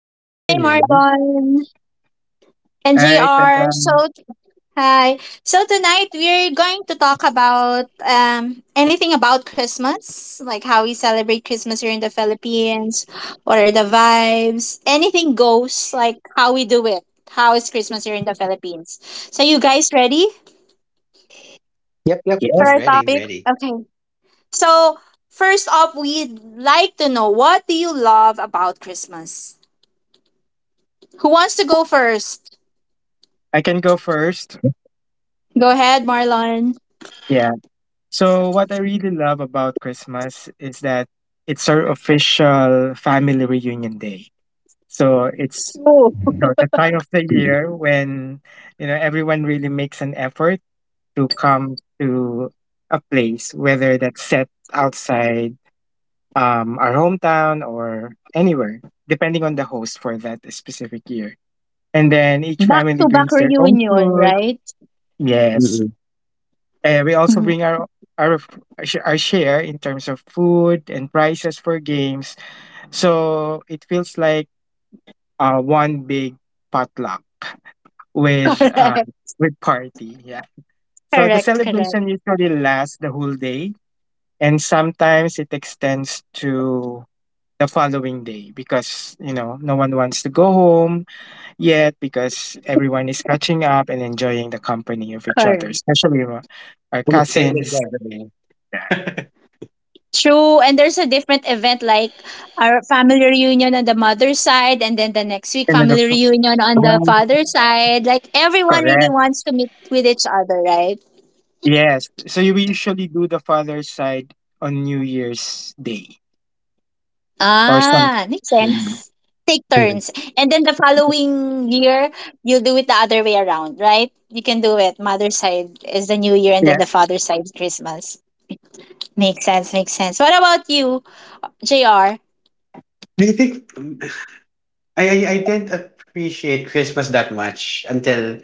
Good Hi, morning. Margon and Hi, JR. So, Pekam. hi. So, tonight we're going to talk about anything about Christmas, like how we celebrate Christmas here in the Philippines, what are the vibes, anything goes, like how we do it. How is Christmas here in the Philippines? So, you guys ready Yep. I'm for ready, I'm our Yes, ready. topic? Okay. So, first off, we'd like to know what do you love about Christmas? Who wants to go first? I can go first. Go ahead, Marlon. Yeah. So, what I really love about Christmas is that it's our official family reunion day. So, it's the time of the year when everyone really makes an effort to come to a place, whether that's set outside our hometown or anywhere, depending on the host for that specific year. And then each Back family to back brings their own reunion, food. right? Yes. Mm. And we also Mhm. bring our our share in terms of food and prices for games. So it feels like one big potluck with uh, with party. Yeah. So the Correct, correct, correct, celebration usually lasts the whole day, and sometimes it extends to the following day because no one wants to go home yet because everyone is catching up and enjoying the company of each other, correct. especially our Extended cousins. gathering. True. And there's a different event like our family reunion on the mother's side, and then the next week, And then the family co- reunion on the Um, father's side. Like everyone really Correct. wants to meet with each other, right? Yes. So you usually do the father's side on New Year's Day or something. Ah, makes sense. Take mhm. turns. And then the following year, you'll do it the other way around, right? You can do it. Mother's side is the new year, and then Yeah. the father's side is Christmas. Makes sense, makes sense. What about you, JR? Do you think mm, I didn't appreciate Christmas that much until,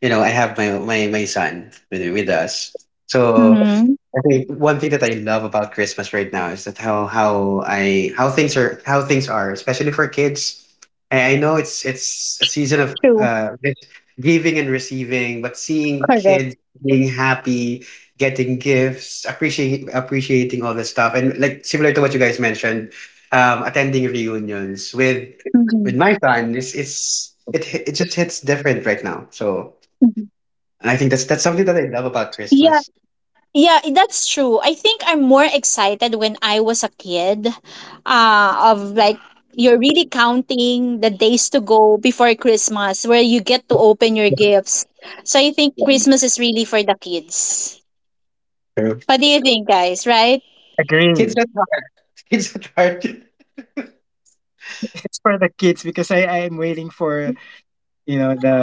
you know, I have my son with us. So Mm-hmm. I think one thing that I love about Christmas right now is that how I how things are, especially for kids. I know it's a season of True. Gift- giving and receiving, but seeing Correct. kids being happy, getting gifts, appreciate appreciating all this stuff, and like similar to what you guys mentioned, attending reunions with Mm-hmm. my son, it just hits different right now. So Mm-hmm. and I think that's something that I love about Yeah. Christmas. Yeah, that's true. I think I'm more excited when I was a kid, of like you're really counting the days to go before Christmas where you get to open your gifts. So I think Yeah. Christmas is really for the kids. True. What do you think, guys, right? Kids Agree. kindergarten. It's for the kids because I am waiting for you know the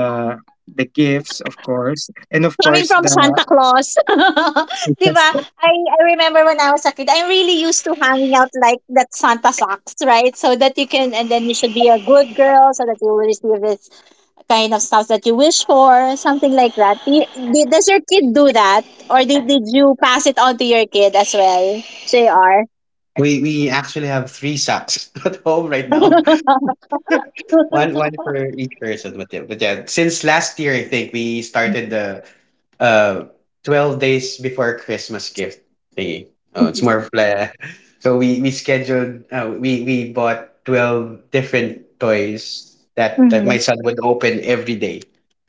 the gifts, of course, and of Coming course from the Santa Claus. 'Di ba? festival. I remember when I was a kid, I'm really used to hanging out like that Santa socks, right? So that you can, and then you should be a good girl so that you will receive this kind of stuff that you wish for, something like that. Does your kid do that? Or did you pass it on to your kid as well, JR? We actually have three sacks at home right now. One one for each person. But yeah, since last year I think we started the uh 12 days before Christmas gift thingy. Oh, it's more of like- So we scheduled we bought 12 different toys that my Mm-hmm. son would open every day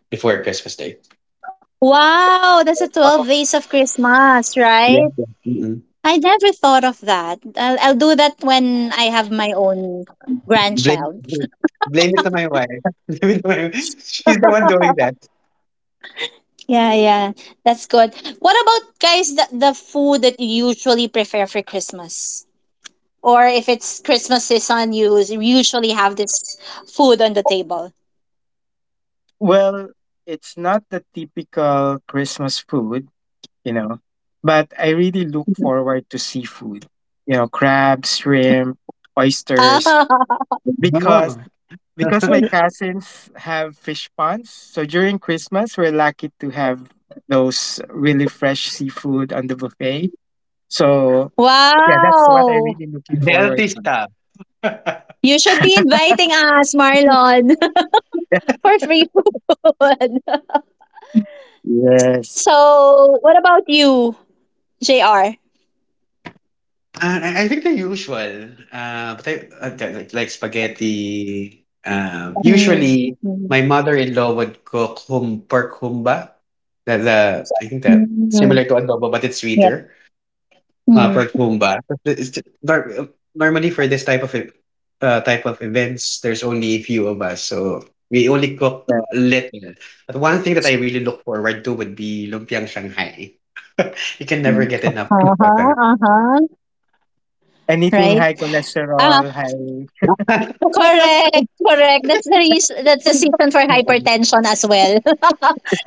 before Christmas Day. Wow, that's a 12 days of Christmas, Yeah. right? Mm-mm. I never thought of that. I'll do that when I have my own Blame grandchild. blame it to my wife. Blame it to my- She's the one doing that. Yeah, yeah, that's good. What about, guys, the food that you usually prefer for Christmas? Or if it's Christmas season, you usually have this food on the table. Well, it's not the typical Christmas food, you know but I really look forward to seafood, crabs, shrimp, oysters, Ah, No, because my cousins have fish ponds. So during Christmas, we're lucky to have those really fresh seafood on the buffet. So yeah, that's what I'm wow. really looking forward healthy to. stuff. You should be inviting us, Marlon, for free food. Yes. So, what about you, JR? I think the usual, like spaghetti. Usually, Mm, my mm, mother-in-law would cook hum pork humba. The I think that similar to mm, adobo, but it's sweeter. yep. Comfort home Mm. ba? Is t nor normally for this type of ev type of events, there's only a few of us, so we only cook little. But one thing that I really look forward to would be lumpiang Shanghai. You can never Exactly. get enough of lumpiang Uh-huh, uh-huh. Anything Right? high Um, cholesterol, high. Shanghai. Correct, correct. That's the reason, that's the symptom for Mm. hypertension as well.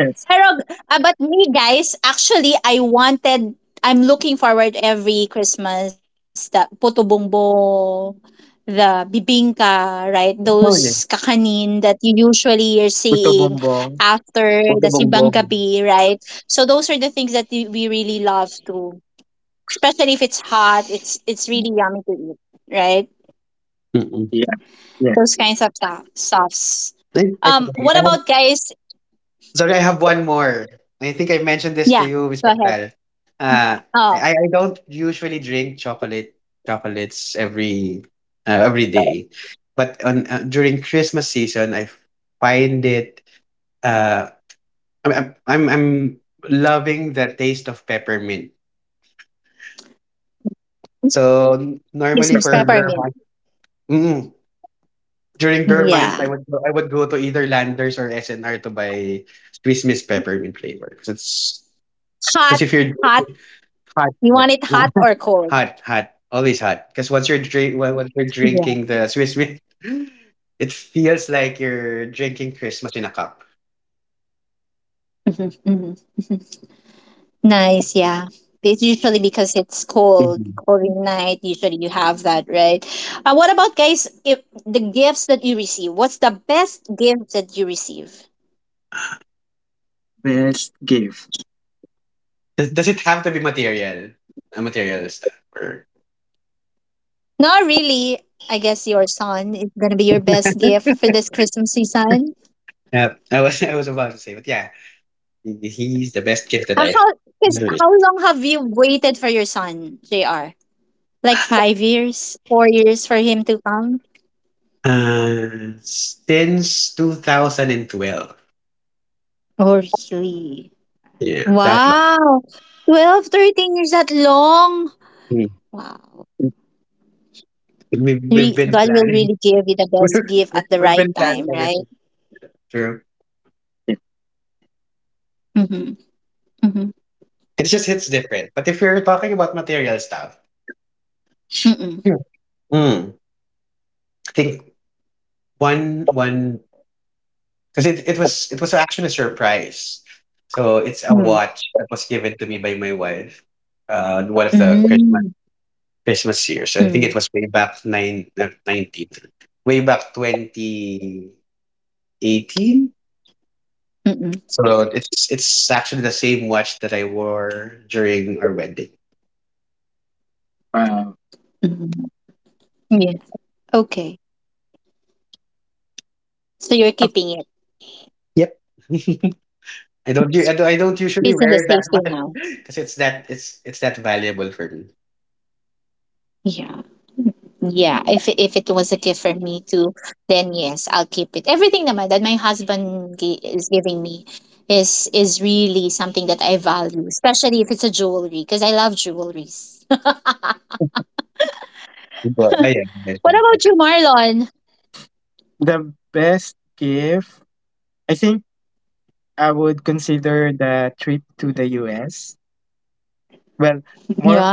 Yes, Pero, ah, but me guys, actually, I wanted, I'm looking forward every Christmas, the puto bumbong, the bibingka, right? Oh, Those yeah. kakanin that you usually are buto seeing bombong. after the Puto simbang Bongbong. gabi, right? So those are the things that we really love to, especially if it's hot, it's really yummy to eat, right? Mm. Yeah, yeah. Those kinds of softs. Ay, ay, sorry. I What have about, guys? Sorry, I have one more. I think I mentioned this to Yeah, you, Miss go ahead. Petal. Uh, I, Oh, I don't usually drink chocolates every day, but on during Christmas season, I find it. Uh, I'm loving the taste of peppermint. So normally That's Christmas for the... beer peppermint. month, mm, during beer month, Yeah, I would go to either Landers or SNR to buy Swiss Miss peppermint flavor hot, because if you're hot. hard You beer. want it hot or cold? Hot, hot, always hot. Because once Yeah. you're drinking the Swiss Miss, it feels like you're drinking Christmas in a cup. Hmm, hmm. Nice. Yeah. It's usually because it's cold, Mhm. cold in night. Usually you have that, right? What about, guys? If the gifts that you receive, what's the best gift that you receive? Best gift. Does it have to be material? A material stuff. Or... Not really. I guess your son is gonna be your best gift for this Christmas season. Yeah, I was I was about to say, but yeah, he's the best gift that Uh, I How, Cause ever how received. long have you waited for your son, JR? Like 5 years, 4 years for him to come? Since 2012. Oh, really? Yeah, that long. Wow. 12, 13 years, that long. Mm. Wow. We've been God will planning. really give you the we've, best gift at the we've been right planning time, everything. right? True. Yeah. Mm-hmm. Mm-hmm. It just hits different. But if you're talking about material stuff, hmm, Mm-mm. mm, I think one because it was actually a surprise. So it's a Mm. watch that was given to me by my wife. On one of the Mm. Christmas years. I think it was Mm. Way back 2018. So Mm-mm. it's actually the same watch that I wore during our wedding. Wow. Mm. Yeah. Okay. So you're Of- keeping it. Yep. I don't u- I don't usually It's in the wear it that safety much now. because it's that valuable for me. Yeah. Yeah, if it was a gift for me too, then yes, I'll keep it. Everything naman that my husband is giving me is really something that I value, especially if it's a jewelry because I love jewelries. But I am What about you, Marlon? The best gift, I think, I would consider the trip to the US. Well, more Yeah,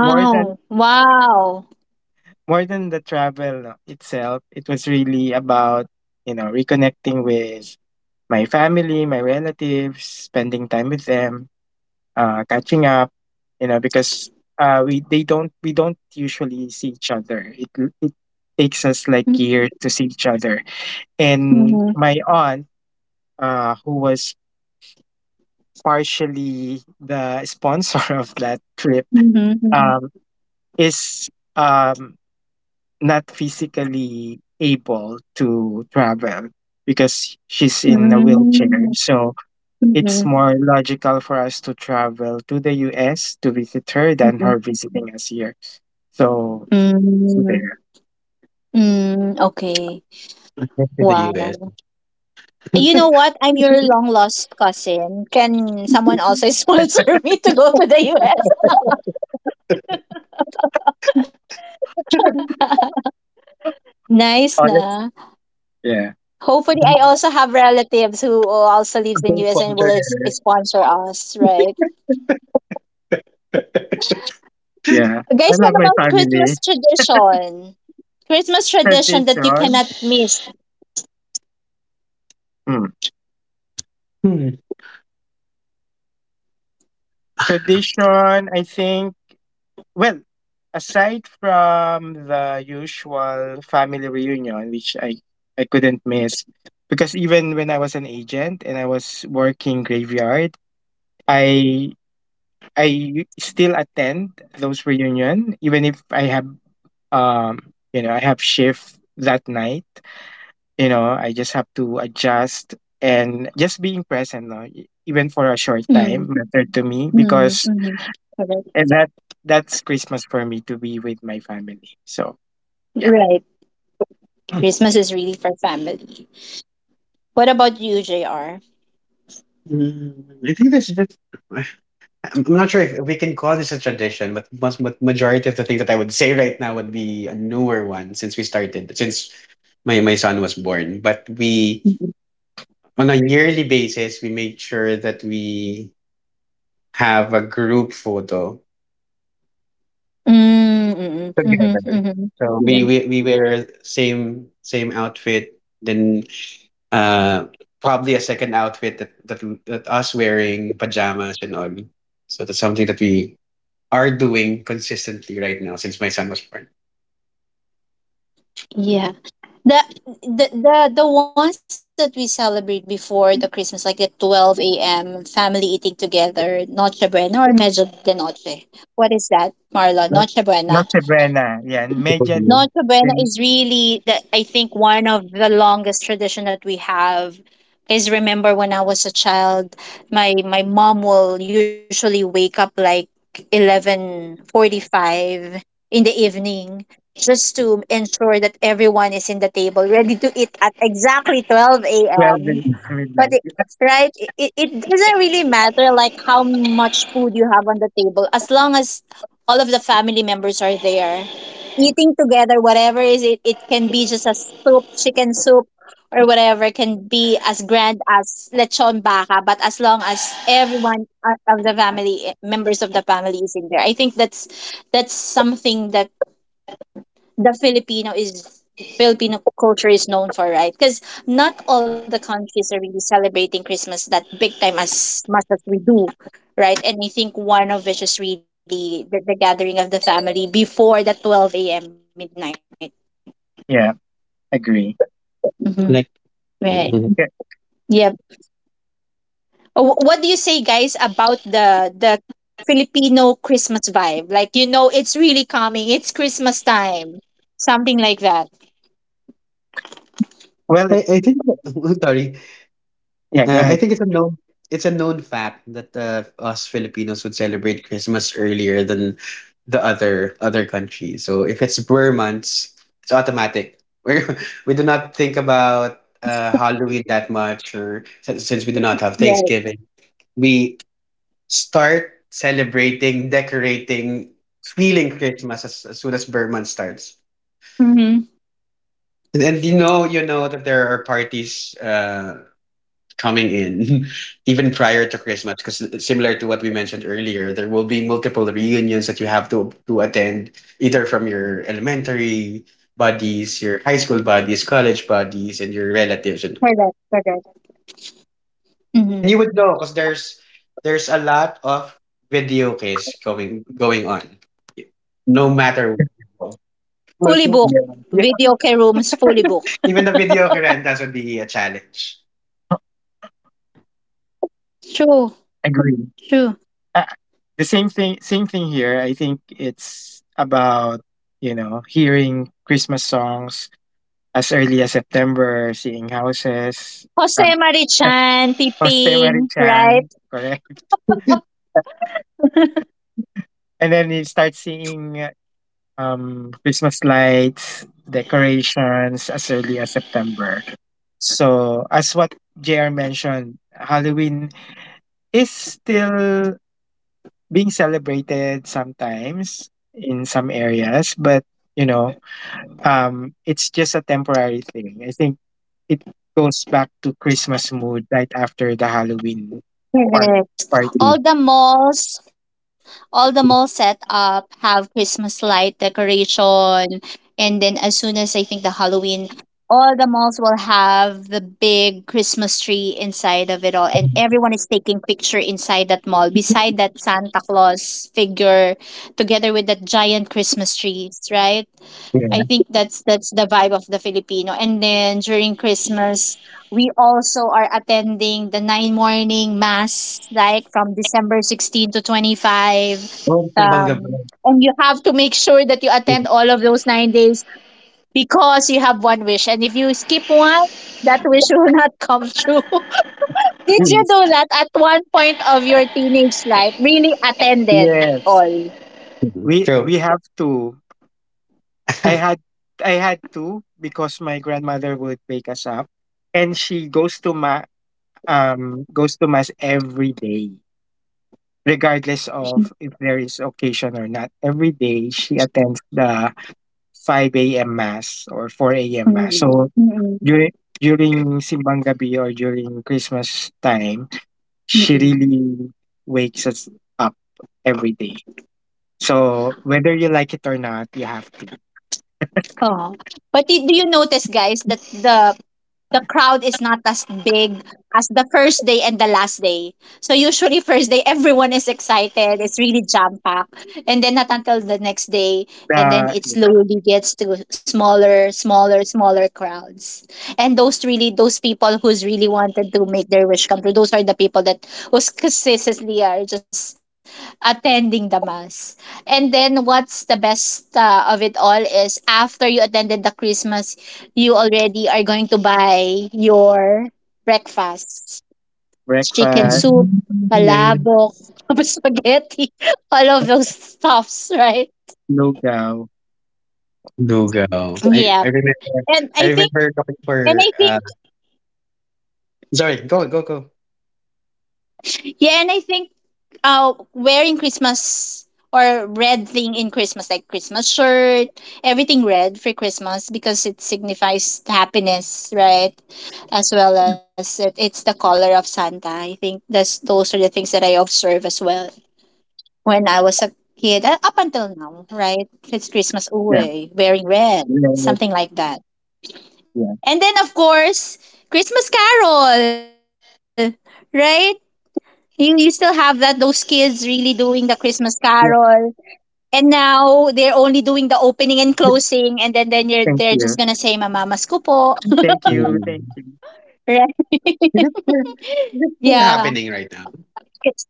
more than Wow. more than the travel itself, it was really about, reconnecting with my family, my relatives, spending time with them, catching up, because we don't usually see each other. It takes us like years to see each other. And Mhm, my aunt, who was partially the sponsor of that trip, mhm, mhm. um, is um not physically able to travel because she's in a wheelchair. Mm, So it's mhm, more logical for us to travel to the US to visit her than mhm. her visiting us here. So, so Mm, there. hmm. Okay. to the US. Wow. You know what? I'm your long lost cousin. Can someone also sponsor me to go to the US? Nice na. Honest. Yeah. Hopefully, I also have relatives who also lives in US and Sponsor. will sponsor us, right? Yeah. I Guys, what love my about Christmas family. tradition? Christmas tradition that you Tradition. cannot miss. Mm. Hmm. Tradition, I think... Well, aside from the usual family reunion, which I couldn't miss, because even when I was an agent and I was working graveyard, I I still attend those reunion, even if um I have shift that night. You know, I just have to adjust, and just being present, no? Even for a short Mm, time, matter to me, mm, because mm, correct. and that that's Christmas for me, to be with my family. So yeah. Right. Mm. Christmas is really for family. What about you, JR? I think that's just. I'm I'm not sure if we can call this a tradition, but most but majority of the things that I would say right now would be a newer one since my son was born. But we Mm-hmm. on a yearly basis, we make sure that we have a group photo Mm-hmm, together. mm-hmm. So we Yeah. we we wear same outfit, then uh probably a second outfit that us wearing pajamas and all. So that's something that we are doing consistently right now since my son was born. Yeah. The, the the the ones that we celebrate before the Christmas, like the 12 a.m. family eating together, Noche Buena or Medyo de Noche. What is that, Marlon? Not Noche Buena. not Sabrina. Yeah, major than Noche Buena is really the I think one of the longest tradition that we have. Cause remember when I was a child, my mom will usually wake up like 11:45 in the evening just to ensure that everyone is in the table ready to eat at exactly 12 12 a.m. is But midnight. it, Yes. right, it doesn't really matter like how much food you have on the table, as long as all of the family members are there eating together, whatever is it, it can be just a soup chicken soup, or whatever can be as grand as lechon baka, but as long as everyone, of the family, members of the family, is in there. I think that's something that the Filipino is Filipino culture is known for, right? Because not all the countries are really celebrating Christmas that big time as much as we do, right? And I think one of which is really the gathering of the family before the 12 a.m. midnight. Yeah. Agree. Mm-hmm. Like Right. mhm. Yeah. Yep. Oh, what do you say, guys, about the Filipino Christmas vibe? Like, it's really coming. It's Christmas time. Something like that. Well, I think sorry. yeah, go I ahead. think it's a known fact that us Filipinos would celebrate Christmas earlier than the other countries. So if it's Burr months, it's automatic. We we do not think about Halloween that much, or since we do not have Yeah. Thanksgiving, we start celebrating, decorating, feeling Christmas as soon as Burr month starts. Mm-hmm. And you know that there are parties. Coming in even prior to Christmas because similar to what we mentioned earlier, there will be multiple reunions that you have to attend, either from your elementary buddies, your high school buddies, college buddies, and your relatives. and Correct. Correct. and you would know because there's a lot of video case going on no Fully booked. matter where you go. Video care rooms fully Yeah. booked. Well, yeah, even the video rentals would be a challenge. True. True. Agree. Uh, the same thing here. I think it's about, hearing Christmas songs as early as September, seeing houses, Jose um, Marichan, Jose Piping, Marichan, right? correct? And then you start seeing Christmas lights, decorations as early as September. So, as what JR mentioned, Halloween is still being celebrated sometimes in some areas, but you know, it's just a temporary thing. I think it goes back to Christmas mood right after the Halloween par- Mm. party. all the malls all the mall set up have Christmas light decoration. And then as soon as I think the Halloween, all the malls will have the big Christmas tree inside of it all, and everyone is taking picture inside that mall beside that Santa Claus figure, together with that giant Christmas trees, right? Yeah. I think that's the vibe of the Filipino. And then during Christmas, we also are attending the nine morning mass, like from December 16 to 25. Oh, timbang gabi. Um, and you have to make sure that you attend all of those 9 days, because you have one wish. And if you skip one, that wish will not come true. Did you Yes. know that at one point of your teenage life, really attended Yes. all? Mhm. We True. we have to. I had I had to because my grandmother would wake us up, and she goes to mass every day, regardless of if there is occasion or not. Every day she attends the 5 a.m. mass or 4 a.m. mass. Mm, So mm, mm, during during simbang gabi or during Christmas time, she mm. really wakes us up every day. So whether you like it or not, you have... Oh. Do you notice, guys, that the crowd is not as big as the first day and the last day. So usually first day everyone is excited. It's really jam packed. And then not until the next day, and then Uh, it slowly gets to smaller, smaller, smaller crowds. And those really, those people who's really wanted to make their wish come true, those are the people that who's consistently are just attending the mass. And then what's the best, of it all, is after you attended the Christmas, you already are going to buy your breakfast, chicken breakfast, soup, Mm, yeah, palabok, spaghetti, all of those stuffs, right? lugaw. go. Yeah. I remember. And I I think, remember talking and I for, think, sorry, go. yeah, and I think wearing Christmas or red thing in Christmas, like Christmas shirt, everything red for Christmas because it signifies happiness, right? As well as it's the color of Santa. I think that's those are the things that I observe as well. When I was a kid, up until now, right? It's Christmas Yeah. away, wearing red, Yeah. something like that. Yeah. And then, of course, Christmas Carol, right? You still have that, those kids really doing the Christmas Carol. Yeah. And now they're only doing the opening and closing, and then they're just Thank gonna say, you. Mamamas ko po, Thank you. Mm. Thank you. right? Is it still is it still Yeah. happening right now?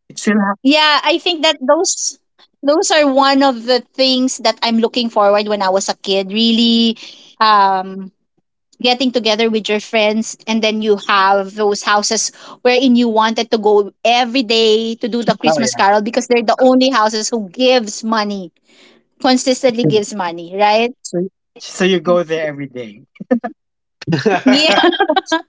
It's still Yeah, I think that those are one of the things that I'm looking forward when I was a kid. Really um getting together with your friends, and then you have those houses wherein you wanted to go every day to do the Oh, yeah. Christmas carol because they're the only houses who gives money, consistently happening. gives money, right? So, so you go there every day. Yeah.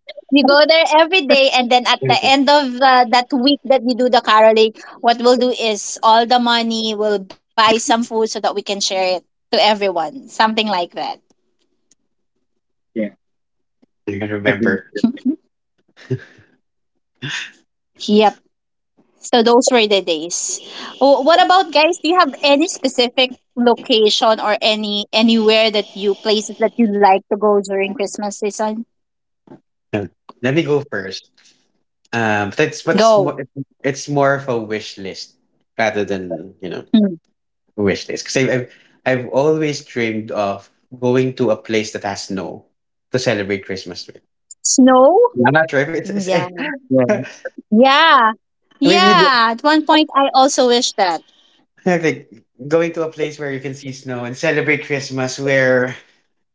You go there every day, and then at the end of, that week that we do the caroling, what we'll do is all the money will buy some food so that we can share it to everyone. Something like that. Yeah. I can Agree with remember. you. Yep. So those were the days. Oh, what about, guys? Do you have any specific location or any anywhere that you places that you like to go during Christmas season? Uh, let me go first. That's what's more Go. it's more of a wish list rather than, you know, Hmm. a wish list. 'Cause I've I've always dreamed of going to a place that has snow to celebrate Christmas with. Snow? I'm not sure if it's Yeah. Yeah. Yeah. maybe Yeah. At one point I also wish that. yeah, like going to a place where you can see snow and celebrate Christmas, wear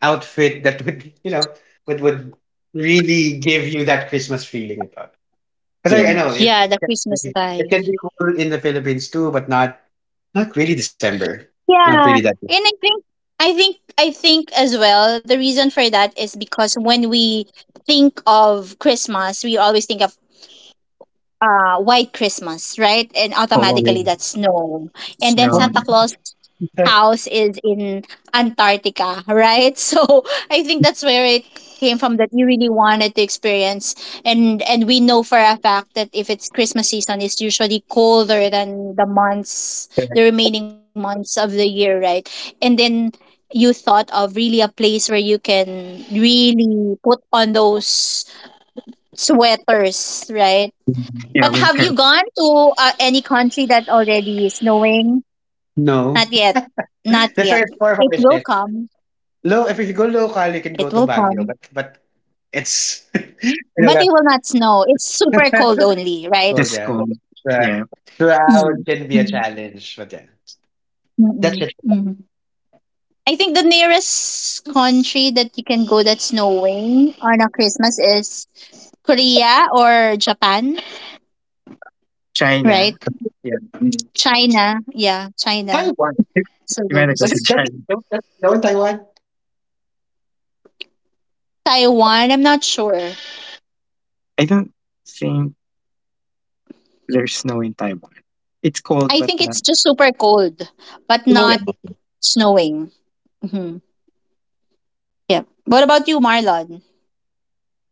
outfit that would you know would really give you that Christmas feeling about. Because I Yeah. know Yeah, it the can Christmas vibe. be cool in the Philippines too, but not not really December. Not really Yeah. that. And I think as well the reason for that is because when we think of Christmas, we always think of White Christmas, right? And Cold, Yeah. automatically that's snow, and then Oh, snow. Santa Claus house is in Antarctica, right? So I think that's where it came from, that you really wanted to experience. And we know for a fact that if it's Christmas season, it's usually colder than the remaining months of the year, right? And then you thought of really a place where you can really put on those sweaters, right? Yeah. But have Winter. you gone to any country that already is snowing? no, Not yet. Not that's why yet. it's more It will holistic. come. Low, if you go It will local, you can come. go to Baguio, but it's But it you will not know that's snow. It's super cold only, right? cool, Just yeah. cold. The Yeah. Mm. crowd can be Mm. a challenge, but yeah. Mm-mm. That's it. Mm. I think the nearest country that you can go that's snowing on a Christmas is Korea or Japan, China. right? Yeah. Mm. China. Yeah, China. Taiwan. So You might go That's to it. those. That's China. it. That's that one, Taiwan. Taiwan, I'm not sure. I don't think there's snow in Taiwan. It's cold, I but think not, it's just super cold, but yeah. not snowing. Hmm. Yeah. What about you, Marlon?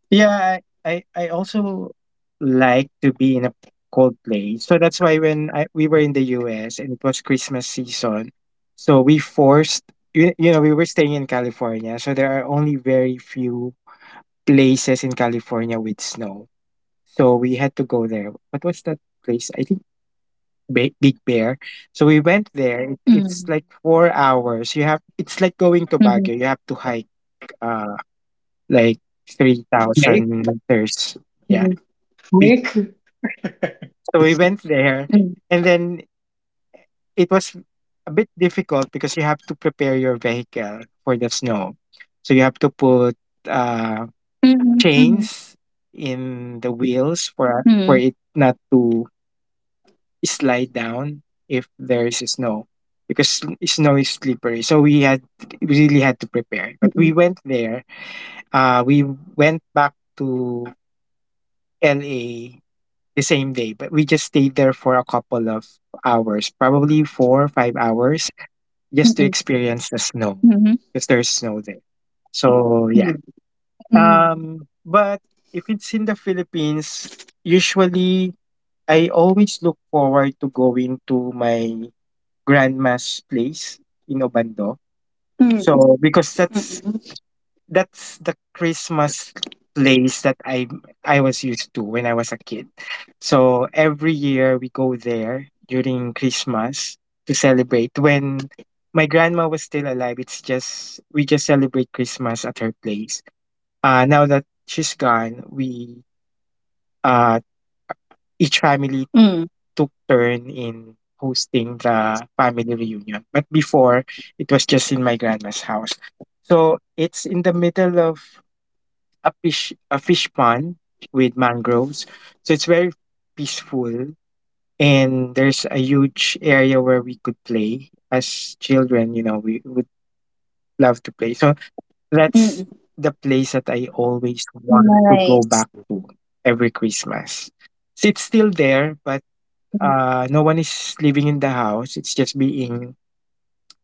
Yeah, I also like to be in a cold place. So that's why when we were in the U.S. and it was Christmas season, so we forced you, you know we were staying in California, so there are only very few places in California with snow. So we had to go there. What was that place? I think... Big Bear. So we Mm, went there. It's mhm, like 4 hours. You have... it's like going to Baguio. You have to hike. Uh, like mhm, three Okay. thousand meters. Yeah. We, Snake. mhm, so we went there, and then it was a bit difficult because you have to prepare your vehicle for the snow. So you have to put mhm, uh, mhm, chains in the wheels mhm, for it not to slide down if there is snow, because snow is slippery. So we mhm, had we really had to prepare. But we went there. We went back to LA the same day, but we just stayed there for a couple of hours, probably 4 or 5 hours, mhm, just to experience mhm, the mhm, snow because there's snow there. mhm, So yeah. mhm, But if it's in the Philippines, usually I always look forward to going to my grandma's place in Obando. mhm, So because that's the Christmas place that I was used to when I was a kid. So every year we go there during Christmas to celebrate. When my mhm, grandma was still alive, it's just... we just celebrate Christmas at her place. Now that she's gone, mhm, we uh each family took turn in hosting the family reunion. But before, it was just in my grandma's house. So it's in the middle of a fish pond with mangroves. So it's very peaceful, and there's a huge area where we could play as children, we would love to play. So mhm. that's the place that I always want to Nice. go back to every Christmas. So it's still there, but no one is living in the house. It's just being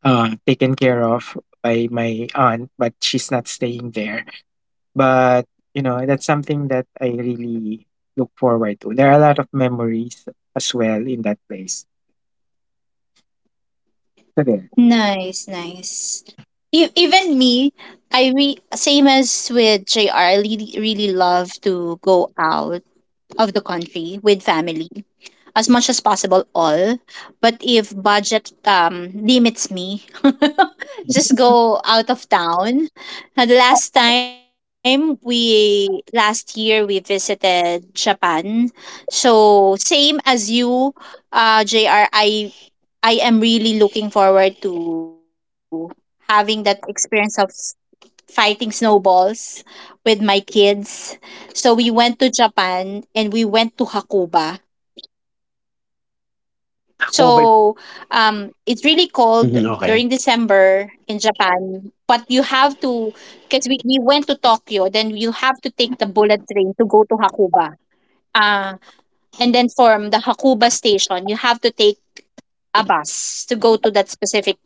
taken care of by my aunt, but she's not staying there. But, that's something that I really look forward to. There are a lot of memories as well in that place. So there. Nice, nice. Even me, same as with JR, I really, really love to go out of the country with family. As much as possible all. But if budget limits me, just go out of town. The last time we last year we visited Japan. So same as you, JR I am really looking forward to having that experience of fighting snowballs with my kids. So we went to Japan and we went to Hakuba. So it's Oh my. really cold during December Mhm, in okay. Japan. But you have to, because we went to Tokyo, then you have to take the bullet train to go to Hakuba. Uh, and then from the Hakuba station, you have to take a bus to go to that specific place.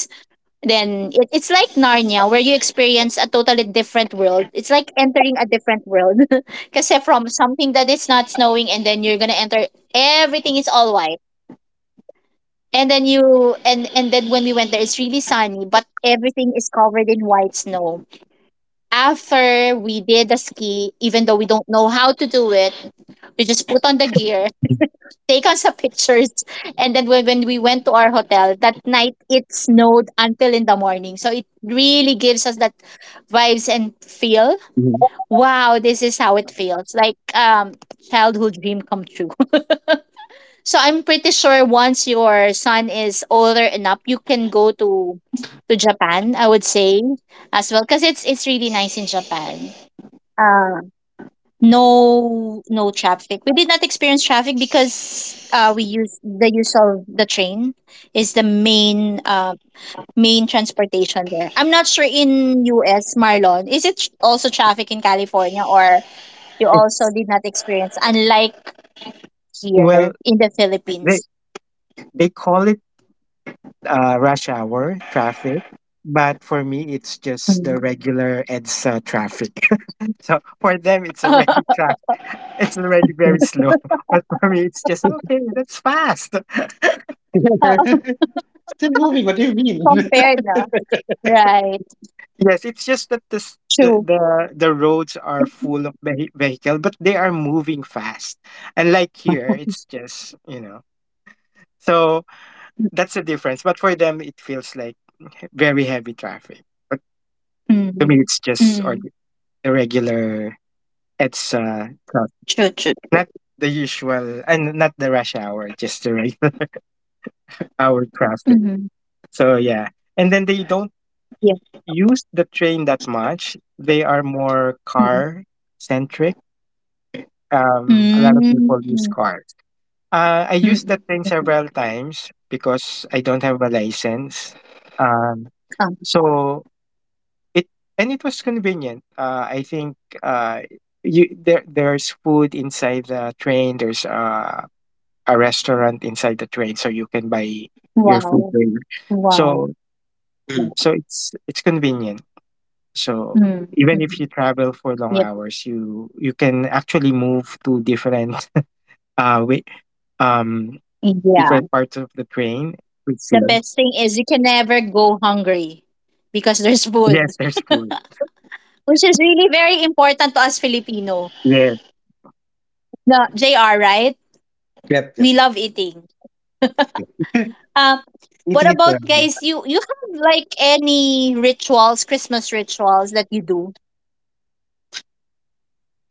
Then it's like Narnia, where you experience a totally different world. It's like entering a different world. Kasi from something that is not snowing, and then you're gonna enter, everything is all white. And then you, and then when we went there, it's really sunny, but everything is covered in white snow. After we did the ski, even though we don't know how to do it, we just put on the gear, take on some pictures, and then when we went to our hotel that night, it snowed until in the morning. So it really gives us that vibes and feel. Mhm. Wow, this is how it feels like, childhood dream come true. So I'm pretty sure once your son is older enough, you can go to Japan. I would say as well because it's really nice in Japan. Uh, no traffic. We did not experience traffic because we use of the train is the main transportation there. I'm not sure in US, Marlon, is it also traffic in California, or you also It's, did not experience unlike here well, in the Philippines? they, they call it rush hour traffic. But for me, it's just Mm. the regular EDSA traffic. So for them, it's already traffic. It's already very slow. But for me, it's just, okay, that's fast. Of Still moving. What do you Compare, mean? compare, 'no? Right. Yes, it's just that this, True. The roads are full of vehicle, but they are moving fast. And like here, it's just. So that's the difference. But for them, it feels like very heavy traffic. But to me, Mm. it's just, or Mm. the regular. It's True, true, true. not the usual and not the rush hour, just the regular hour Mhm. traffic. So yeah, and then they don't Yeah. use the train that much. They are more Mm. car centric, a Hmm. lot of people use Mm. cars. I used Mhm. that thing several times because I don't have a license. Um, Ah, so it and it was convenient. I think uh, you there there's food inside the train. There's a restaurant inside the train, so you can buy your food wow. there. Wow. So Mhm. so Wow. it's it's convenient. So Mm, even if you mhm. travel for long Yep. hours, you can actually move to different uh, way, um Yeah. different parts of the train. We The see. best thing is you can never go hungry because there's Yes, food, there's food. which is really very important to us Filipino. Yes. No, JR, right? Yep, yep. We love eating. Yep. Um, Eating What it. about Forever. guys? You have like any rituals, Christmas rituals that you do?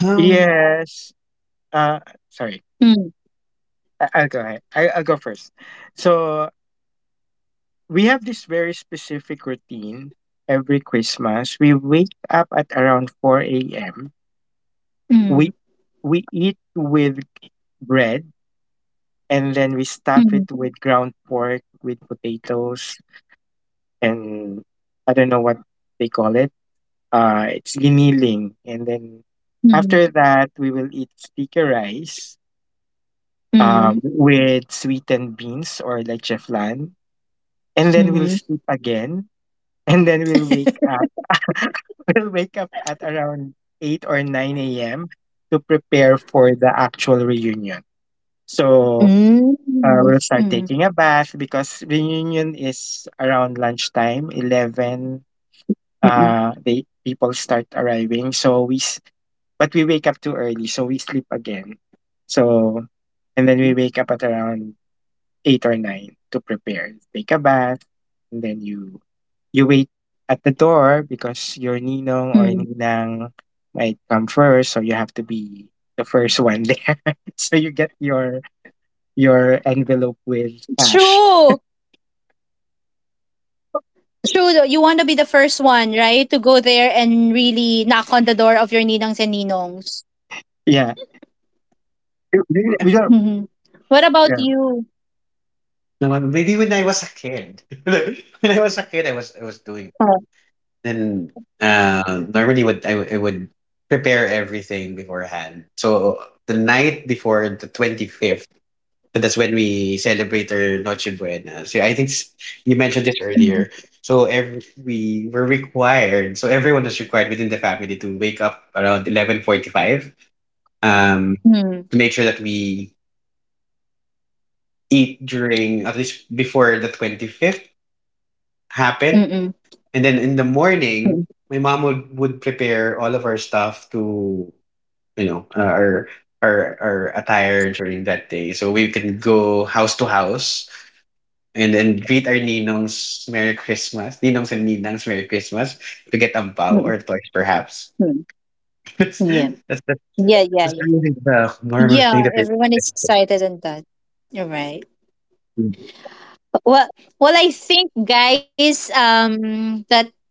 Um, Yes. Uh, sorry. Mm, I'll go ahead. I'll go first. So we have this very specific routine every Christmas. We wake up at around 4 a.m. We mm, we eat with bread, and then we stuff it with ground mm, pork with potatoes, and I don't know what they call it. It's giniling, and then after that we will mm, eat sticky rice with mm, sweetened beans or leche flan, and then we'll sleep again. mm, And then we'll wake up. We'll wake up at around 8 or 9 a.m. to prepare for the actual reunion. So we'll start mm, taking a bath because mm, reunion is around lunchtime 11. They mm, People start arriving, so we but we wake up too early, so we sleep again. So, and then we wake up at around 8 or 9 to prepare, take a bath, and then you wait at the door because your mm. ninong or ninang might come first, so you have to be the first one there. So you get your envelope with cash. True. True though. You want to be the first one, right? To go there and really knock on the door of your ninangs and ninongs. Yeah, we maybe, don't. Hmm. What about Yeah, you? no, maybe when I was a kid, like, when I was a kid, I was doing Oh, then. Normally, I would prepare everything beforehand. So the night before the 25th. So that's when we celebrate our Noche Buena. So I think you mentioned this earlier. mm, So we were required, so everyone was required within the family to wake up around 11:45, um, mm, to make sure that we eat during, at least before the 25th mm, happened. mm, And then in the morning, mm, my mom would prepare all of our stuff to, you know, our attire during that day. So we can go house to house and then greet our ninongs Merry Christmas, ninongs and ninangs Merry Christmas to get a bow mm, or toys perhaps. mm. That's Yeah. that's that's Yeah, yeah, that's yeah. really the normal thing Yeah, that I everyone is excited and that. You're right. Well, well, I think, guys, that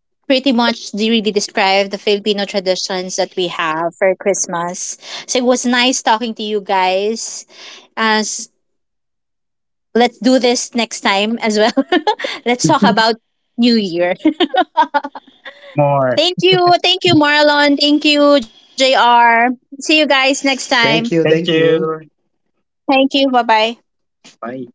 pretty much really describe the Filipino traditions that we have for Christmas. So it was nice talking to you guys. As Let's do this next time as well. Let's talk about New Year. more. Thank you, thank you, Marlon. Thank you, JR See you guys next time. Thank thank you. you. Thank you. Bye bye. Bye.